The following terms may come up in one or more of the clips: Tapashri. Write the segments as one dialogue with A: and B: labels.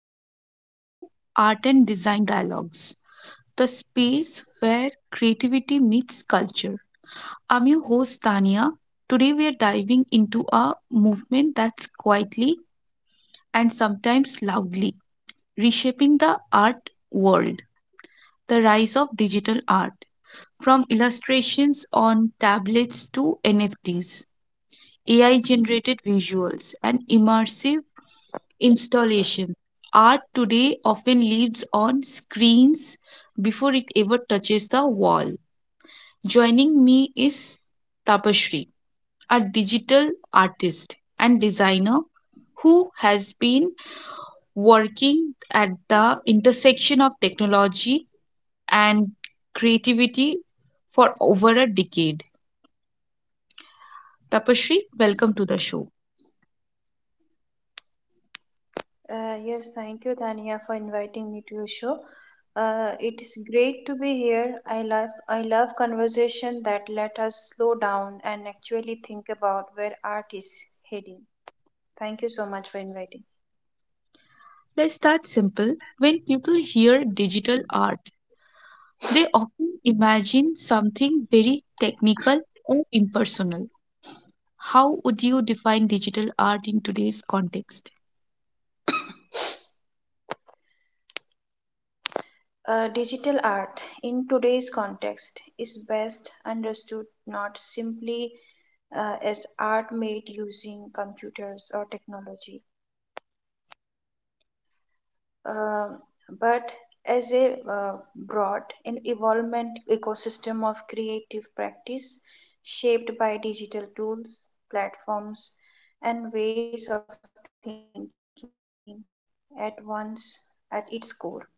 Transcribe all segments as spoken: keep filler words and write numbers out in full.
A: and welcome to Art and Design Dialogues, the space where creativity meets culture. I'm your host, Tania. Today, we are diving into a movement that's quietly and sometimes loudly reshaping the art world, the rise of digital art. From illustrations on tablets to N F Ts, A I generated visuals, and immersive installation art today often lives on screens before it ever touches the wall. Joining me is Tapashri, a digital artist and designer who has been working at the intersection of technology and creativity for over a decade. Tapashri, welcome to the show.
B: Uh, yes, thank you, Tania, for inviting me to your show. Uh, it is great to be here. I love I love conversation that let us slow down and actually think about where art is heading. Thank you so much for inviting.
A: Let's start simple. When people hear digital art, they often imagine something very technical or impersonal. How would you define digital art in today's context?
B: Uh, digital art in today's context is best understood not simply uh, as art made using computers or technology, um, but as a uh, broad and evolvement ecosystem of creative practice shaped by digital tools, platforms, and ways of thinking at once at its core.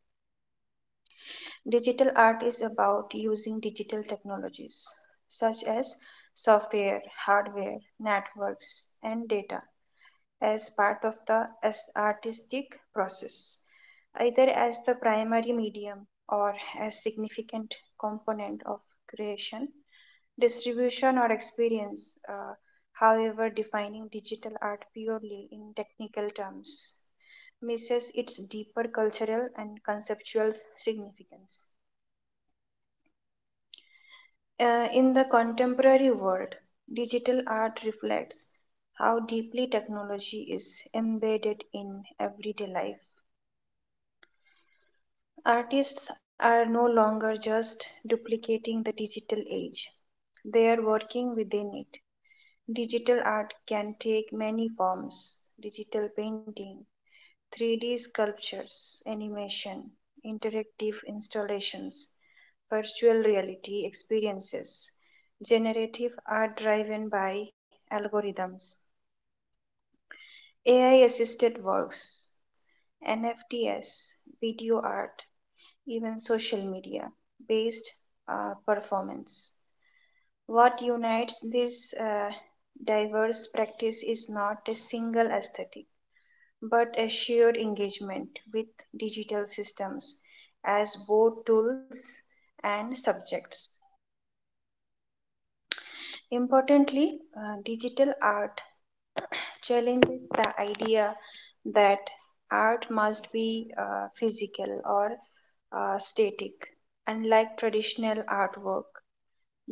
B: Digital art is about using digital technologies such as software, hardware, networks, and data as part of the artistic process, either as the primary medium or as significant component of creation, distribution, or experience. uh, However, defining digital art purely in technical terms misses its deeper cultural and conceptual significance. Uh, in the contemporary world, digital art reflects how deeply technology is embedded in everyday life. Artists are no longer just duplicating the digital age, they are working within it. Digital art can take many forms: digital painting, three D sculptures, animation, interactive installations, virtual reality experiences, generative art driven by algorithms, A I assisted works, N F Ts, video art, even social media based uh, performance. What unites this uh, diverse practice is not a single aesthetic but a shared engagement with digital systems as both tools and subjects. Importantly, uh, digital art challenges the idea that art must be uh, physical or uh, static, unlike traditional artwork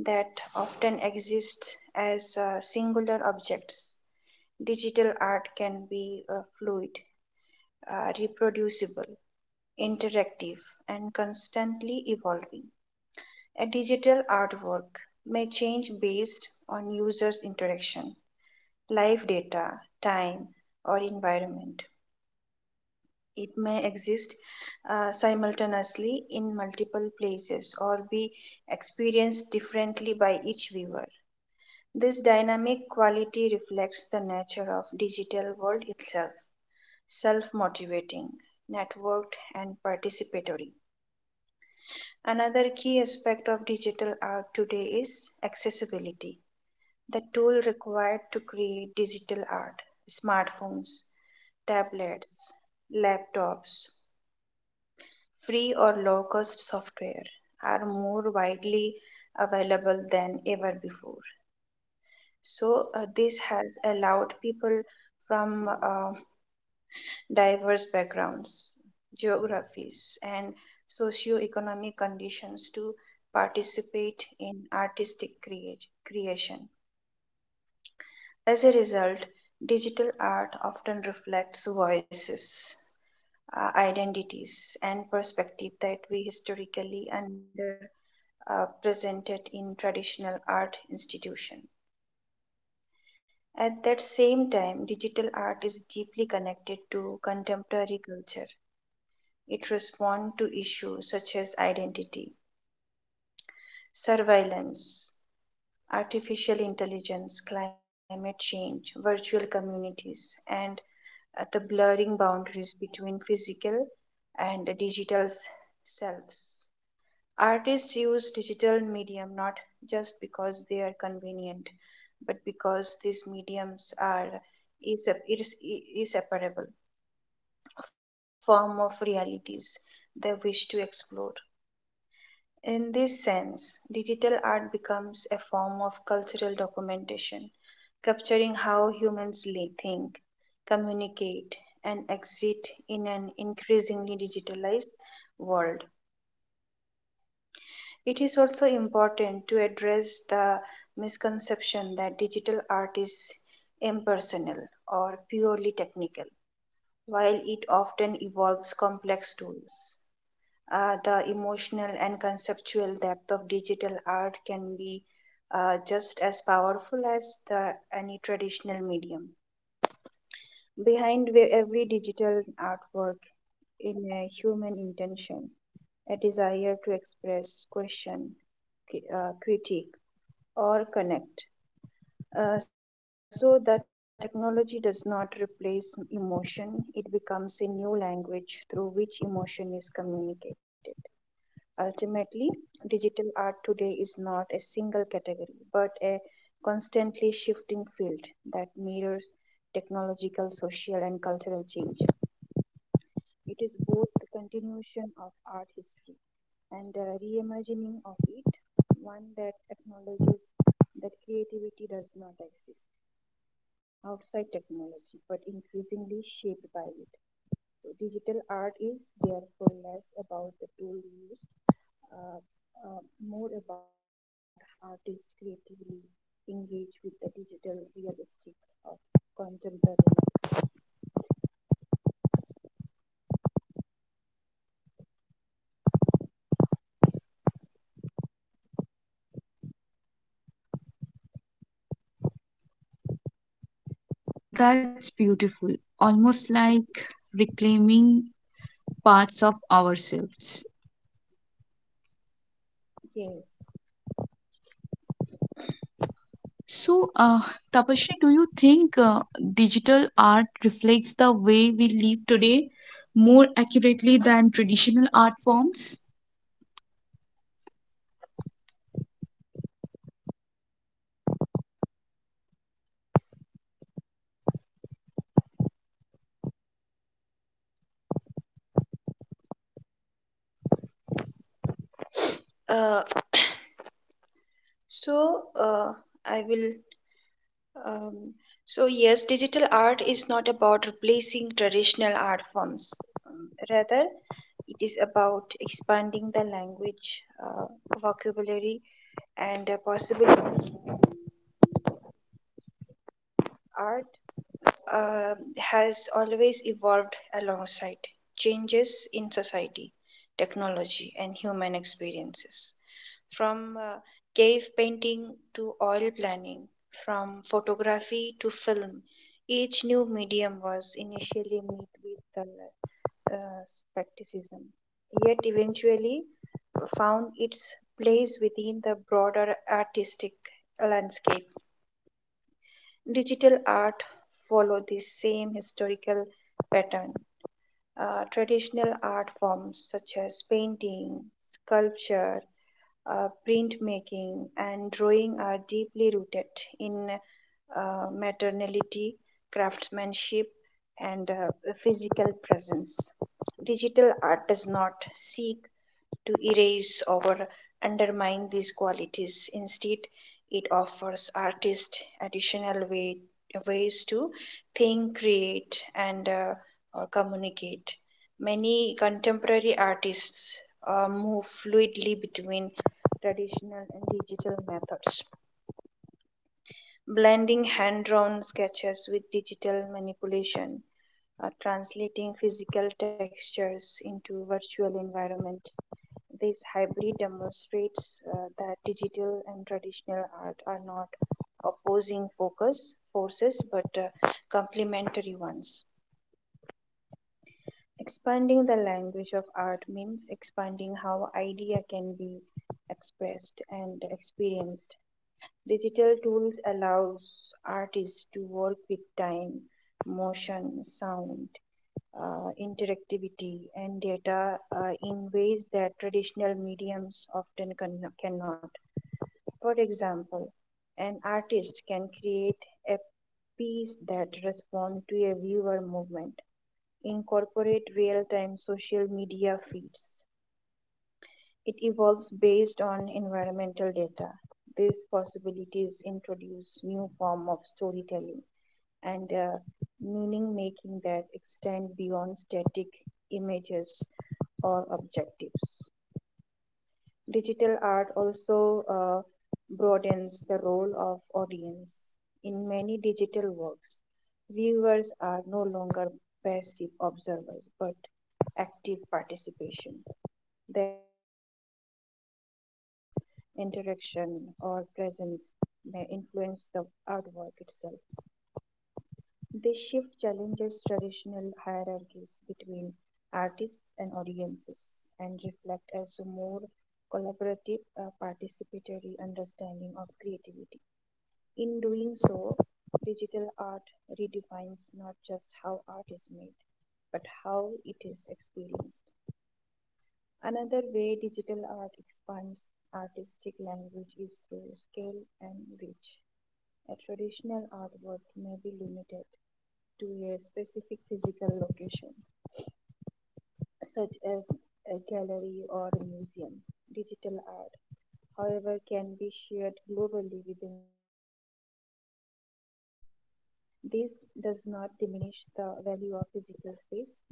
B: that often exists as uh, singular objects. Digital art can be uh, fluid, uh, reproducible, interactive, and constantly evolving. A digital artwork may change based on users' interaction, live data, time, or environment. It may exist uh, simultaneously in multiple places or be experienced differently by each viewer. This dynamic quality reflects the nature of digital world itself, self-motivating, networked and participatory. Another key aspect of digital art today is accessibility. The tool required to create digital art, smartphones, tablets, laptops, free or low cost software are more widely available than ever before. So, uh, this has allowed people from uh, diverse backgrounds, geographies, and socioeconomic conditions to participate in artistic creat- creation. As a result, digital art often reflects voices, uh, identities, and perspectives that we historically under uh, presented in traditional art institutions. At that same time, digital art is deeply connected to contemporary culture. It responds to issues such as identity, surveillance, artificial intelligence, climate change, virtual communities, and uh, the blurring boundaries between physical and digital selves. Artists use digital medium not just because they are convenient, but because these mediums are is- is- is- inseparable form of realities they wish to explore. In this sense, digital art becomes a form of cultural documentation, capturing how humans li- think, communicate, and exist in an increasingly digitalized world. It is also important to address the misconception that digital art is impersonal or purely technical, while it often evolves complex tools. Uh, the emotional and conceptual depth of digital art can be uh, just as powerful as the any traditional medium. Behind where every digital artwork in a human intention, a desire to express, question, cri- uh, critique, or connect. Uh, so the technology does not replace emotion; it becomes a new language through which emotion is communicated. Ultimately, digital art today is not a single category but a constantly shifting field that mirrors technological, social, and cultural change. It is both the continuation of art history and a reimagining of it, one that acknowledges that creativity does not exist outside technology but increasingly shaped by it. So digital art is therefore less about the tool used, uh, uh, more about how artists creatively engage with the digital realistic of contemporary.
A: That's beautiful, almost like reclaiming parts of ourselves.
B: Yes.
A: So, uh, Tapashri, do you think uh, digital art reflects the way we live today more accurately than traditional art forms?
B: Uh, so uh, I will. Um, so yes, digital art is not about replacing traditional art forms. Um, rather, it is about expanding the language, uh, vocabulary, and uh, possibilities. Art um, has always evolved alongside changes in society, technology, and human experiences. From uh, cave painting to oil planning, from photography to film, each new medium was initially met with uh, uh, skepticism, yet eventually found its place within the broader artistic landscape. Digital art follow the same historical pattern. Uh, traditional art forms such as painting, sculpture, uh, printmaking, and drawing are deeply rooted in uh, maternality, craftsmanship, and uh, physical presence. Digital art does not seek to erase or undermine these qualities. Instead, it offers artists additional way, ways to think, create, and uh, or communicate. Many contemporary artists uh, move fluidly between traditional and digital methods, blending hand drawn sketches with digital manipulation, uh, translating physical textures into virtual environments. This hybrid demonstrates uh, that digital and traditional art are not opposing focus forces but uh, complementary ones. Expanding the language of art means expanding how idea can be expressed and experienced. Digital tools allows artists to work with time, motion, sound, uh, interactivity and data uh, in ways that traditional mediums often can, cannot. For example, an artist can create a piece that responds to a viewer movement, incorporate real time social media feeds. It evolves based on environmental data. These possibilities introduce new form of storytelling and uh, meaning making that extend beyond static images or objectives. Digital art also uh, broadens the role of audience. In many digital works, viewers are no longer passive observers but active participation. Their choices, interaction, or presence may influence the artwork itself. This shift challenges traditional hierarchies between artists and audiences and reflect as a more collaborative, uh, participatory understanding of creativity. In doing so, digital art redefines not just how art is made, but how it is experienced. Another way digital art expands artistic language is through scale and reach. A traditional artwork may be limited to a specific physical location, such as a gallery or a museum. Digital art, however, can be shared globally within seconds. This does not diminish the value of physical space,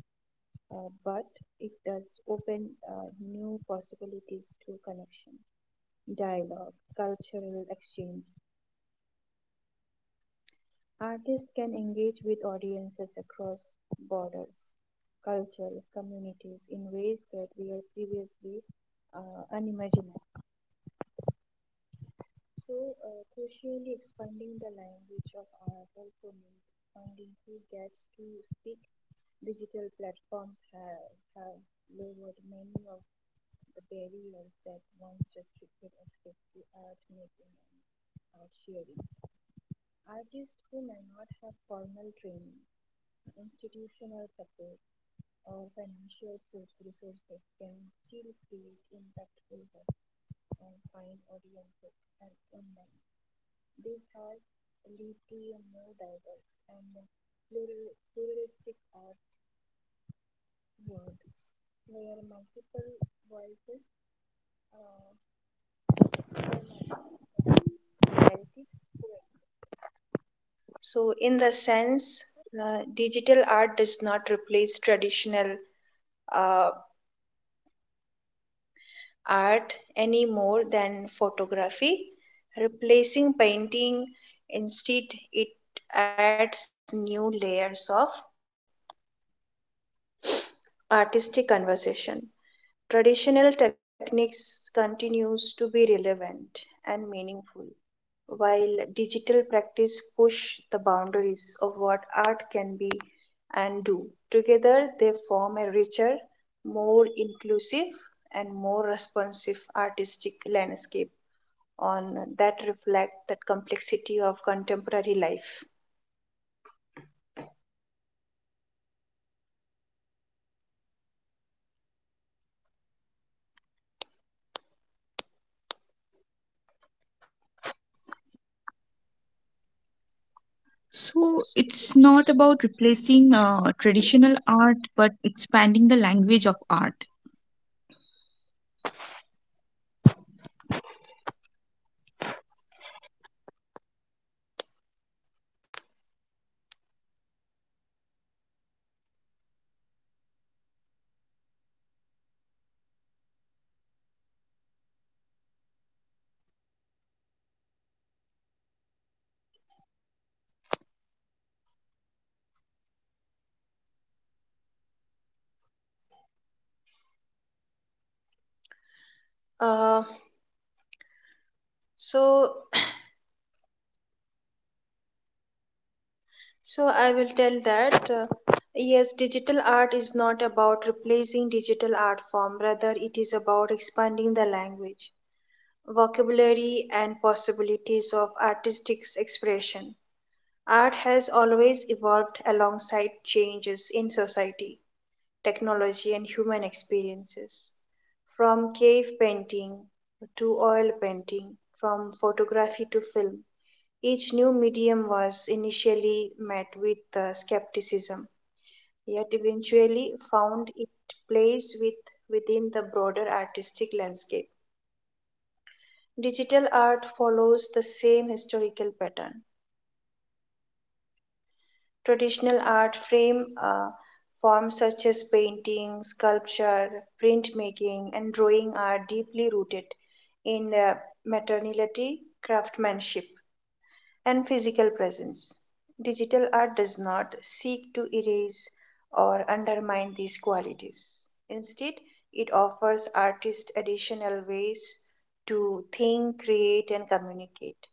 B: uh, but it does open uh, new possibilities to connection, dialogue, cultural exchange. Artists can engage with audiences across borders, cultures, communities in ways that were previously uh, unimaginable. So, uh, crucially, expanding the language of art also means expanding who gets to speak. Digital platforms have, have lowered many of the barriers that once restricted access to art making and art sharing. Artists who may not have formal training, institutional support, or financial source resources can still create impactful work and find audiences and online. This has led to a more diverse and plural- pluralistic art world where multiple voices, uh, where multiple narratives. So, in the sense, uh, digital art does not replace traditional uh, art any more than photography. Replacing painting, instead, it adds new layers of artistic conversation. Traditional techniques continues to be relevant and meaningful, while digital practice push the boundaries of what art can be and do. Together, they form a richer, more inclusive, and more responsive artistic landscape on that reflect the complexity of contemporary life.
A: So it's not about replacing uh, traditional art but expanding the language of art.
B: Uh, so, so I will tell that uh, yes, digital art is not about replacing digital art form. Rather, it is about expanding the language vocabulary, and possibilities of artistic expression. Art has always evolved alongside changes in society, technology, and human experiences. From cave painting to oil painting, from photography to film, each new medium was initially met with uh, skepticism, yet eventually found its place with, within the broader artistic landscape. Digital art follows the same historical pattern. Traditional art frame uh, forms such as painting, sculpture, printmaking, and drawing are deeply rooted in uh, materiality, craftsmanship, and physical presence. Digital art does not seek to erase or undermine these qualities. Instead, it offers artists additional ways to think, create, and communicate.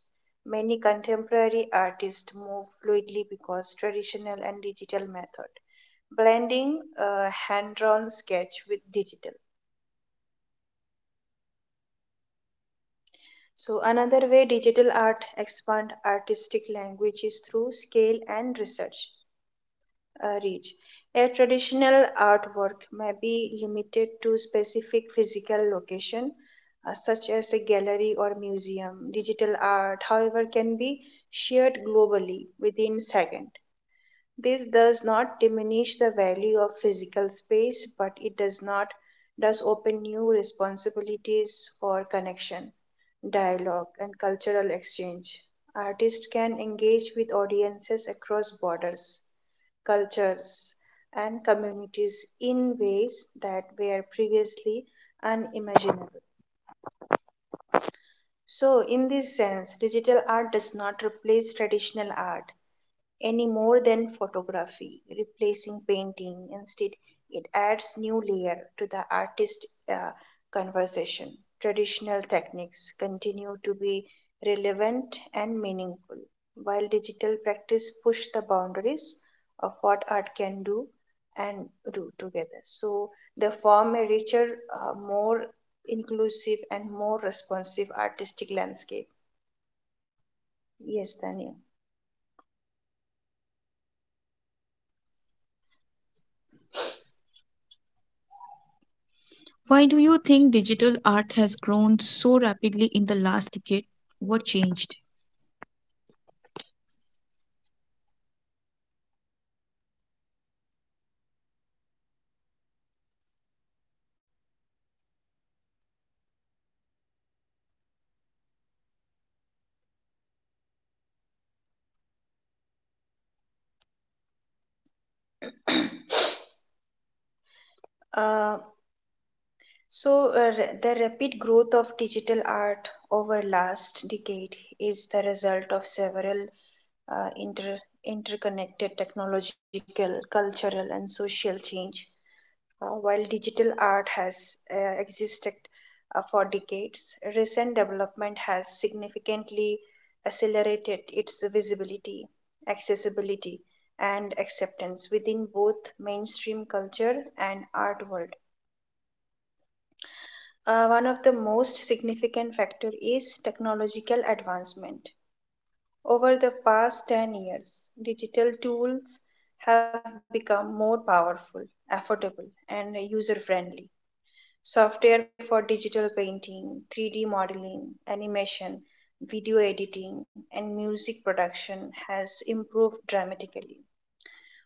B: Many contemporary artists move fluidly because traditional and digital method, blending uh, hand-drawn sketch with digital. So another way digital art expand artistic language is through scale and research. Uh, reach. A traditional artwork may be limited to specific physical location, uh, such as a gallery or museum. Digital art, however, can be shared globally within seconds. This does not diminish the value of physical space, but it does not does open new responsibilities for connection, dialogue, and cultural exchange. Artists can engage with audiences across borders, cultures, and communities in ways that were previously unimaginable. So, in this sense, digital art does not replace traditional art any more than photography replacing painting. Instead, it adds new layer to the artist uh, conversation. Traditional techniques continue to be relevant and meaningful while digital practice push the boundaries of what art can do and do together, so they form a richer, uh, more inclusive and more responsive artistic landscape. Yes, Daniel.
A: Why do you think digital art has grown so rapidly in the last decade? What changed?
B: uh, So, uh, r- the rapid growth of digital art over last decade is the result of several uh, inter- interconnected technological, cultural, and social change. Uh, while digital art has uh, existed uh, for decades, recent development has significantly accelerated its visibility, accessibility, and acceptance within both mainstream culture and art world. Uh, one of the most significant factor is technological advancement. Over the past ten years, digital tools have become more powerful, affordable, and user-friendly. Software for digital painting, three D modeling, animation, video editing, and music production has improved dramatically,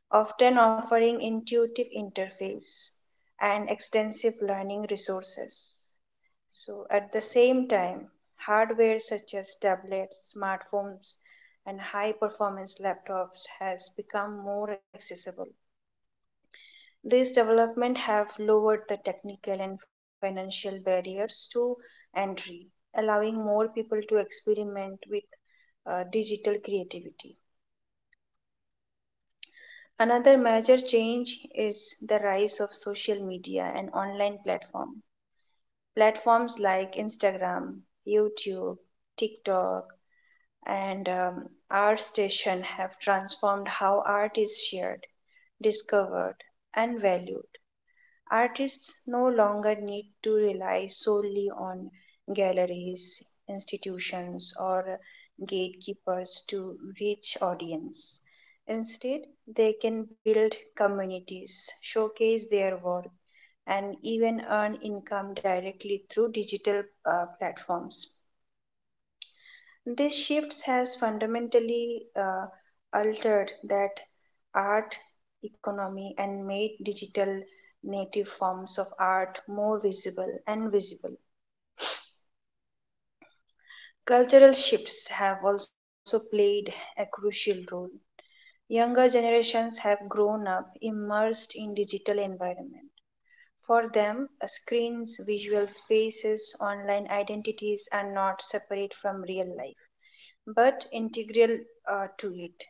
B: often offering intuitive interface and extensive learning resources. So, at the same time, hardware such as tablets, smartphones, and high performance laptops has become more accessible. These developments have lowered the technical and financial barriers to entry, allowing more people to experiment with uh, digital creativity. Another major change is the rise of social media and online platforms. Platforms like Instagram, YouTube, TikTok, and um, our station have transformed how art is shared, discovered, and valued. Artists no longer need to rely solely on galleries, institutions, or gatekeepers to reach audience. Instead, they can build communities, showcase their work, and even earn income directly through digital uh, platforms. This shift has fundamentally uh, altered that art economy and made digital native forms of art more visible and visible. Cultural shifts have also played a crucial role. Younger generations have grown up immersed in digital environment. For them, uh, screens, visual spaces, online identities are not separate from real life, but integral uh, to it.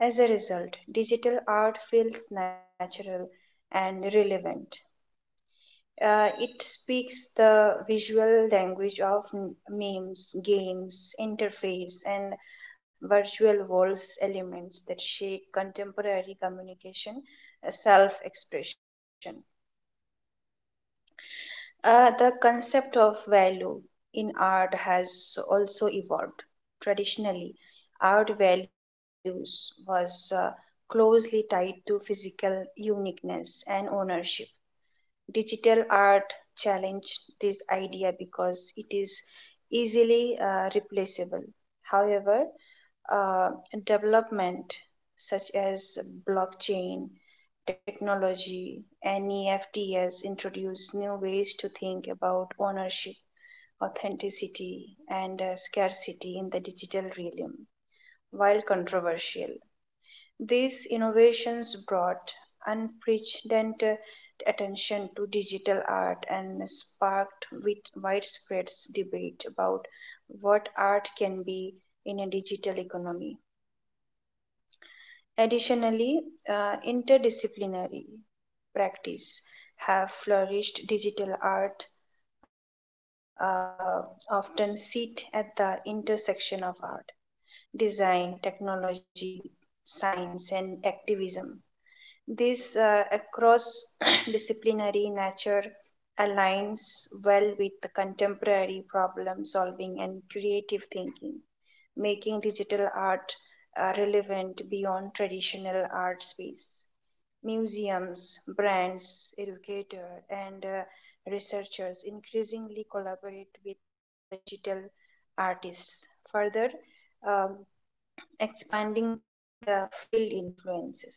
B: As a result, digital art feels natural and relevant. Uh, it speaks the visual language of m- memes, games, interface, and virtual walls elements that shape contemporary communication, self expression. Uh, the concept of value in art has also evolved. Traditionally, art values was uh, closely tied to physical uniqueness and ownership digital art challenged this idea because it is easily uh, replaceable. However, uh, development such as blockchain technology and E F Ts introduce new ways to think about ownership, authenticity, and uh, scarcity in the digital realm. While controversial, these innovations brought unprecedented attention to digital art and sparked wit- widespread debate about what art can be in a digital economy. Additionally, uh, interdisciplinary practice have flourished. Digital art uh, often sit at the intersection of art, design, technology, science, and activism this uh, across disciplinary nature aligns well with the contemporary problem solving and creative thinking, making digital art uh, relevant beyond traditional art space. Museums, brands, educators, and uh, researchers increasingly collaborate with the digital artists, further um, expanding the field influences.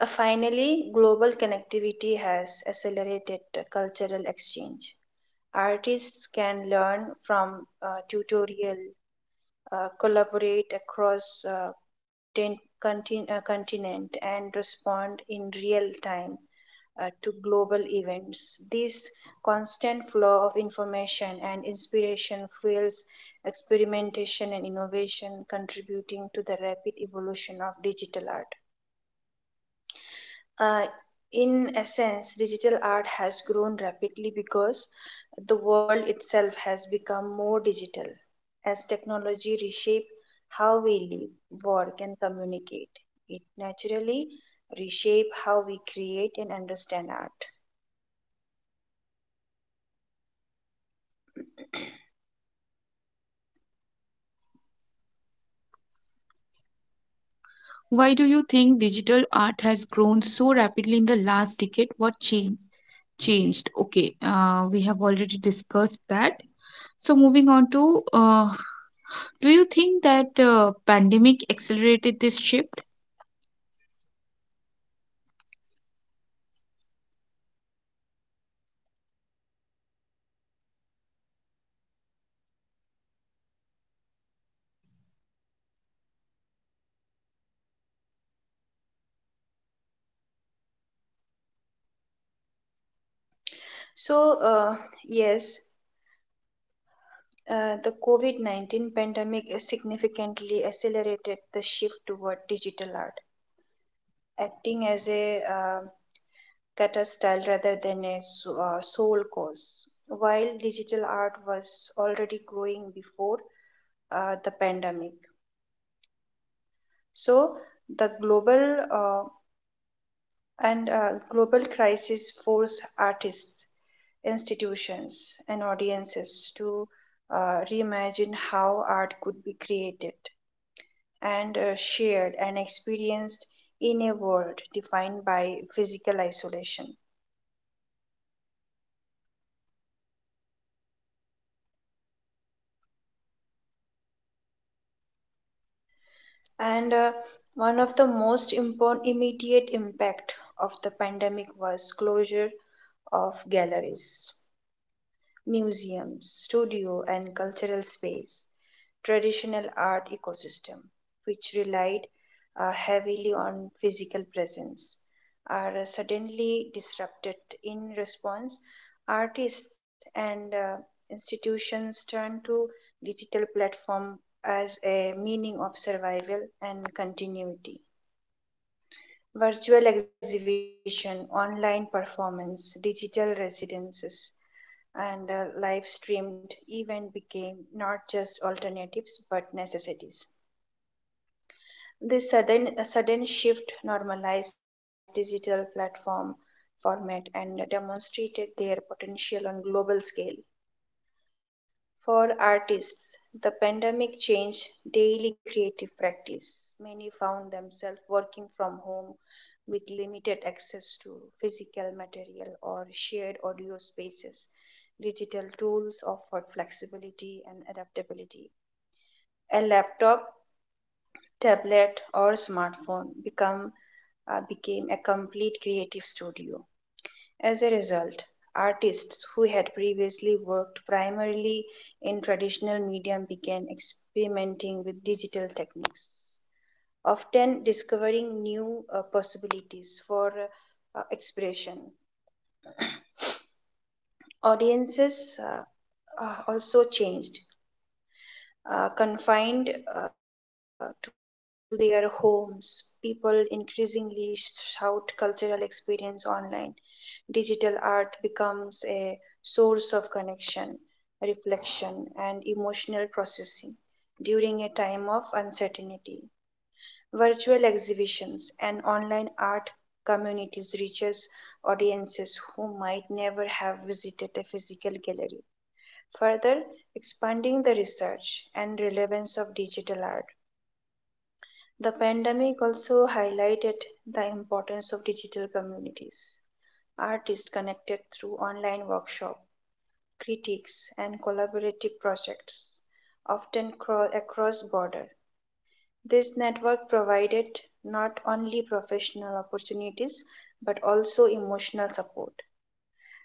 B: Uh, finally, global connectivity has accelerated cultural exchange. Artists can learn from uh, tutorial, uh, collaborate across uh, content, contin- uh, continent, and respond in real time uh, to global events. This constant flow of information and inspiration fuels experimentation and innovation, contributing to the rapid evolution of digital art. Uh, in essence, digital art has grown rapidly because the world itself has become more digital as technology reshapes how we live, work, and communicate. It naturally reshapes how we create and understand art.
A: Why do you think digital art has grown so rapidly in the last decade? What change changed? Okay, uh, we have already discussed that. So moving on to, uh, do you think that uh, pandemic accelerated this shift?
B: So, uh, yes, uh, the COVID nineteen pandemic has significantly accelerated the shift toward digital art acting as a um catastyle rather than a so- uh, sole cause. While digital art was already growing before uh, the pandemic, so the global uh, and uh, global crisis forced artists, institutions, and audiences to uh, reimagine how art could be created and uh, shared and experienced in a world defined by physical isolation. And uh, one of the most important immediate impact of the pandemic was closure of galleries. Museums, studio and cultural space, traditional art ecosystem, which relied uh, heavily on physical presence, are uh, suddenly disrupted. In response, artists and uh, institutions turn to digital platform as a meaning of survival and continuity virtual exhibition, online performance, digital residences, and uh, live streamed event became not just alternatives but necessities. This sudden, a sudden shift normalized digital platform format and demonstrated their potential on global scale. For artists, the pandemic changed daily creative practice. Many found themselves working from home with limited access to physical material or shared audio spaces. Digital tools offered flexibility and adaptability. A laptop, tablet, or smartphone become, uh, became a complete creative studio. As a result, artists who had previously worked primarily in traditional medium began experimenting with digital techniques, often discovering new uh, possibilities for uh, expression. Audiences uh, uh, also changed. Uh, confined uh, to their homes, people increasingly shout cultural experience online digital art becomes a source of connection, reflection, and emotional processing during a time of uncertainty. Virtual exhibitions and online art communities reaches audiences who might never have visited a physical gallery, further expanding the research and relevance of digital art. The pandemic also highlighted the importance of digital communities Artists connected through online workshops, critiques, and collaborative projects, often cro- across borders. This network provided not only professional opportunities but also emotional support.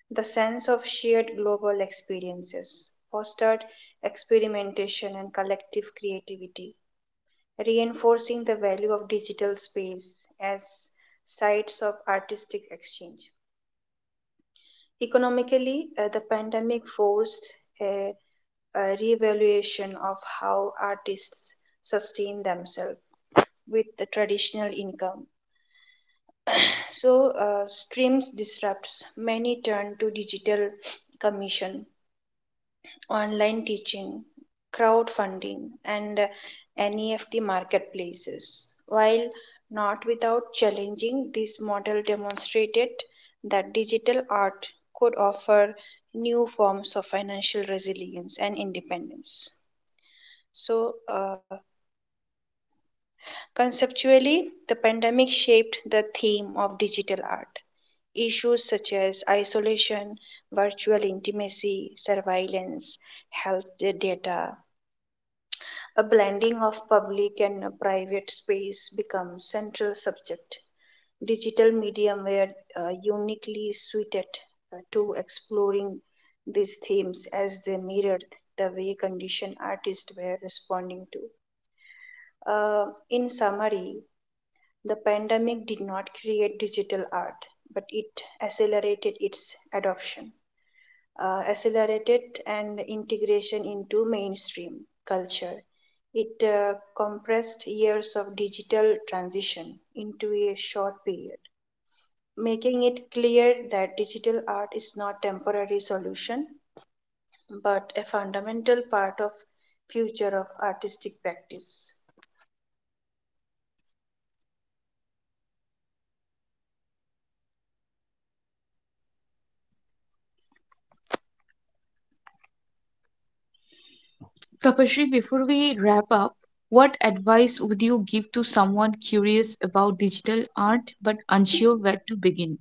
B: The sense of shared global experiences fostered experimentation and collective creativity, reinforcing the value of digital space as sites of artistic exchange. Economically, uh, the pandemic forced a, a reevaluation of how artists sustain themselves with the traditional income. So, uh, streams disrupts many turn to digital commission online teaching, crowdfunding, and N E F T marketplaces. While not without challenging, this model demonstrated that digital art could offer new forms of financial resilience and independence. So, uh, conceptually, the pandemic shaped the theme of digital art. Issues such as isolation, virtual intimacy, surveillance, health data, A blending of public and private space becomes central subject. Digital medium were uh, uniquely suited uh, to exploring these themes as they mirrored the way conditioned artists were responding to. Uh, in summary, the pandemic did not create digital art, but it accelerated its adoption uh, accelerated and integration into mainstream culture. It uh, compressed years of digital transition into a short period, making it clear that digital art is not a temporary solution but a fundamental part of future of artistic practice.
A: Tapashri, before we wrap up, what advice would you give to someone curious about digital art but unsure where to begin?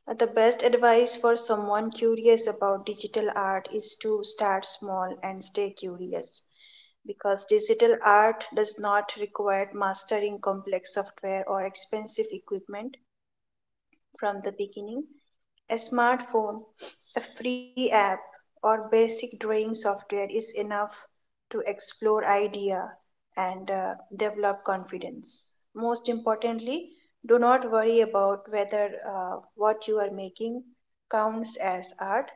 B: Uh, The best advice for someone curious about digital art is to start small and stay curious because digital art does not require mastering complex software or expensive equipment from the beginning. A smartphone, a free app, or basic drawing software is enough to explore idea and uh, develop confidence. Most importantly, do not worry about whether uh, what you are making counts as art.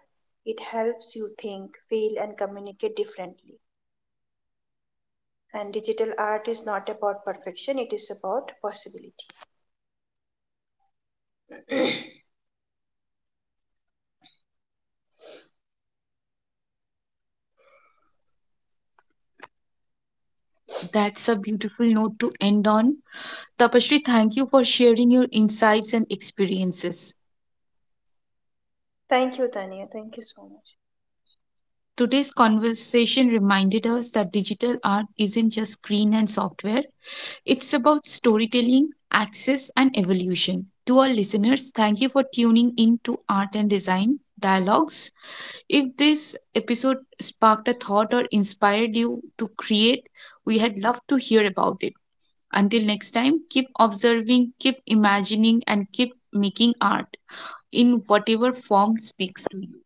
B: It helps you think, feel, and communicate differently. And digital art is not about perfection, it is about possibility.
A: That's a beautiful note to end on. Tapashri, thank you for sharing your insights and experiences.
B: Thank you, Tania. Thank you so much.
A: Today's conversation reminded us that digital art isn't just screen and software, it's about storytelling, access, and evolution. To our listeners, thank you for tuning in to Art and Design Dialogues. If this episode sparked a thought or inspired you to create, we had loved to hear about it. Until next time, keep observing, keep imagining, and keep making art in whatever form speaks to you.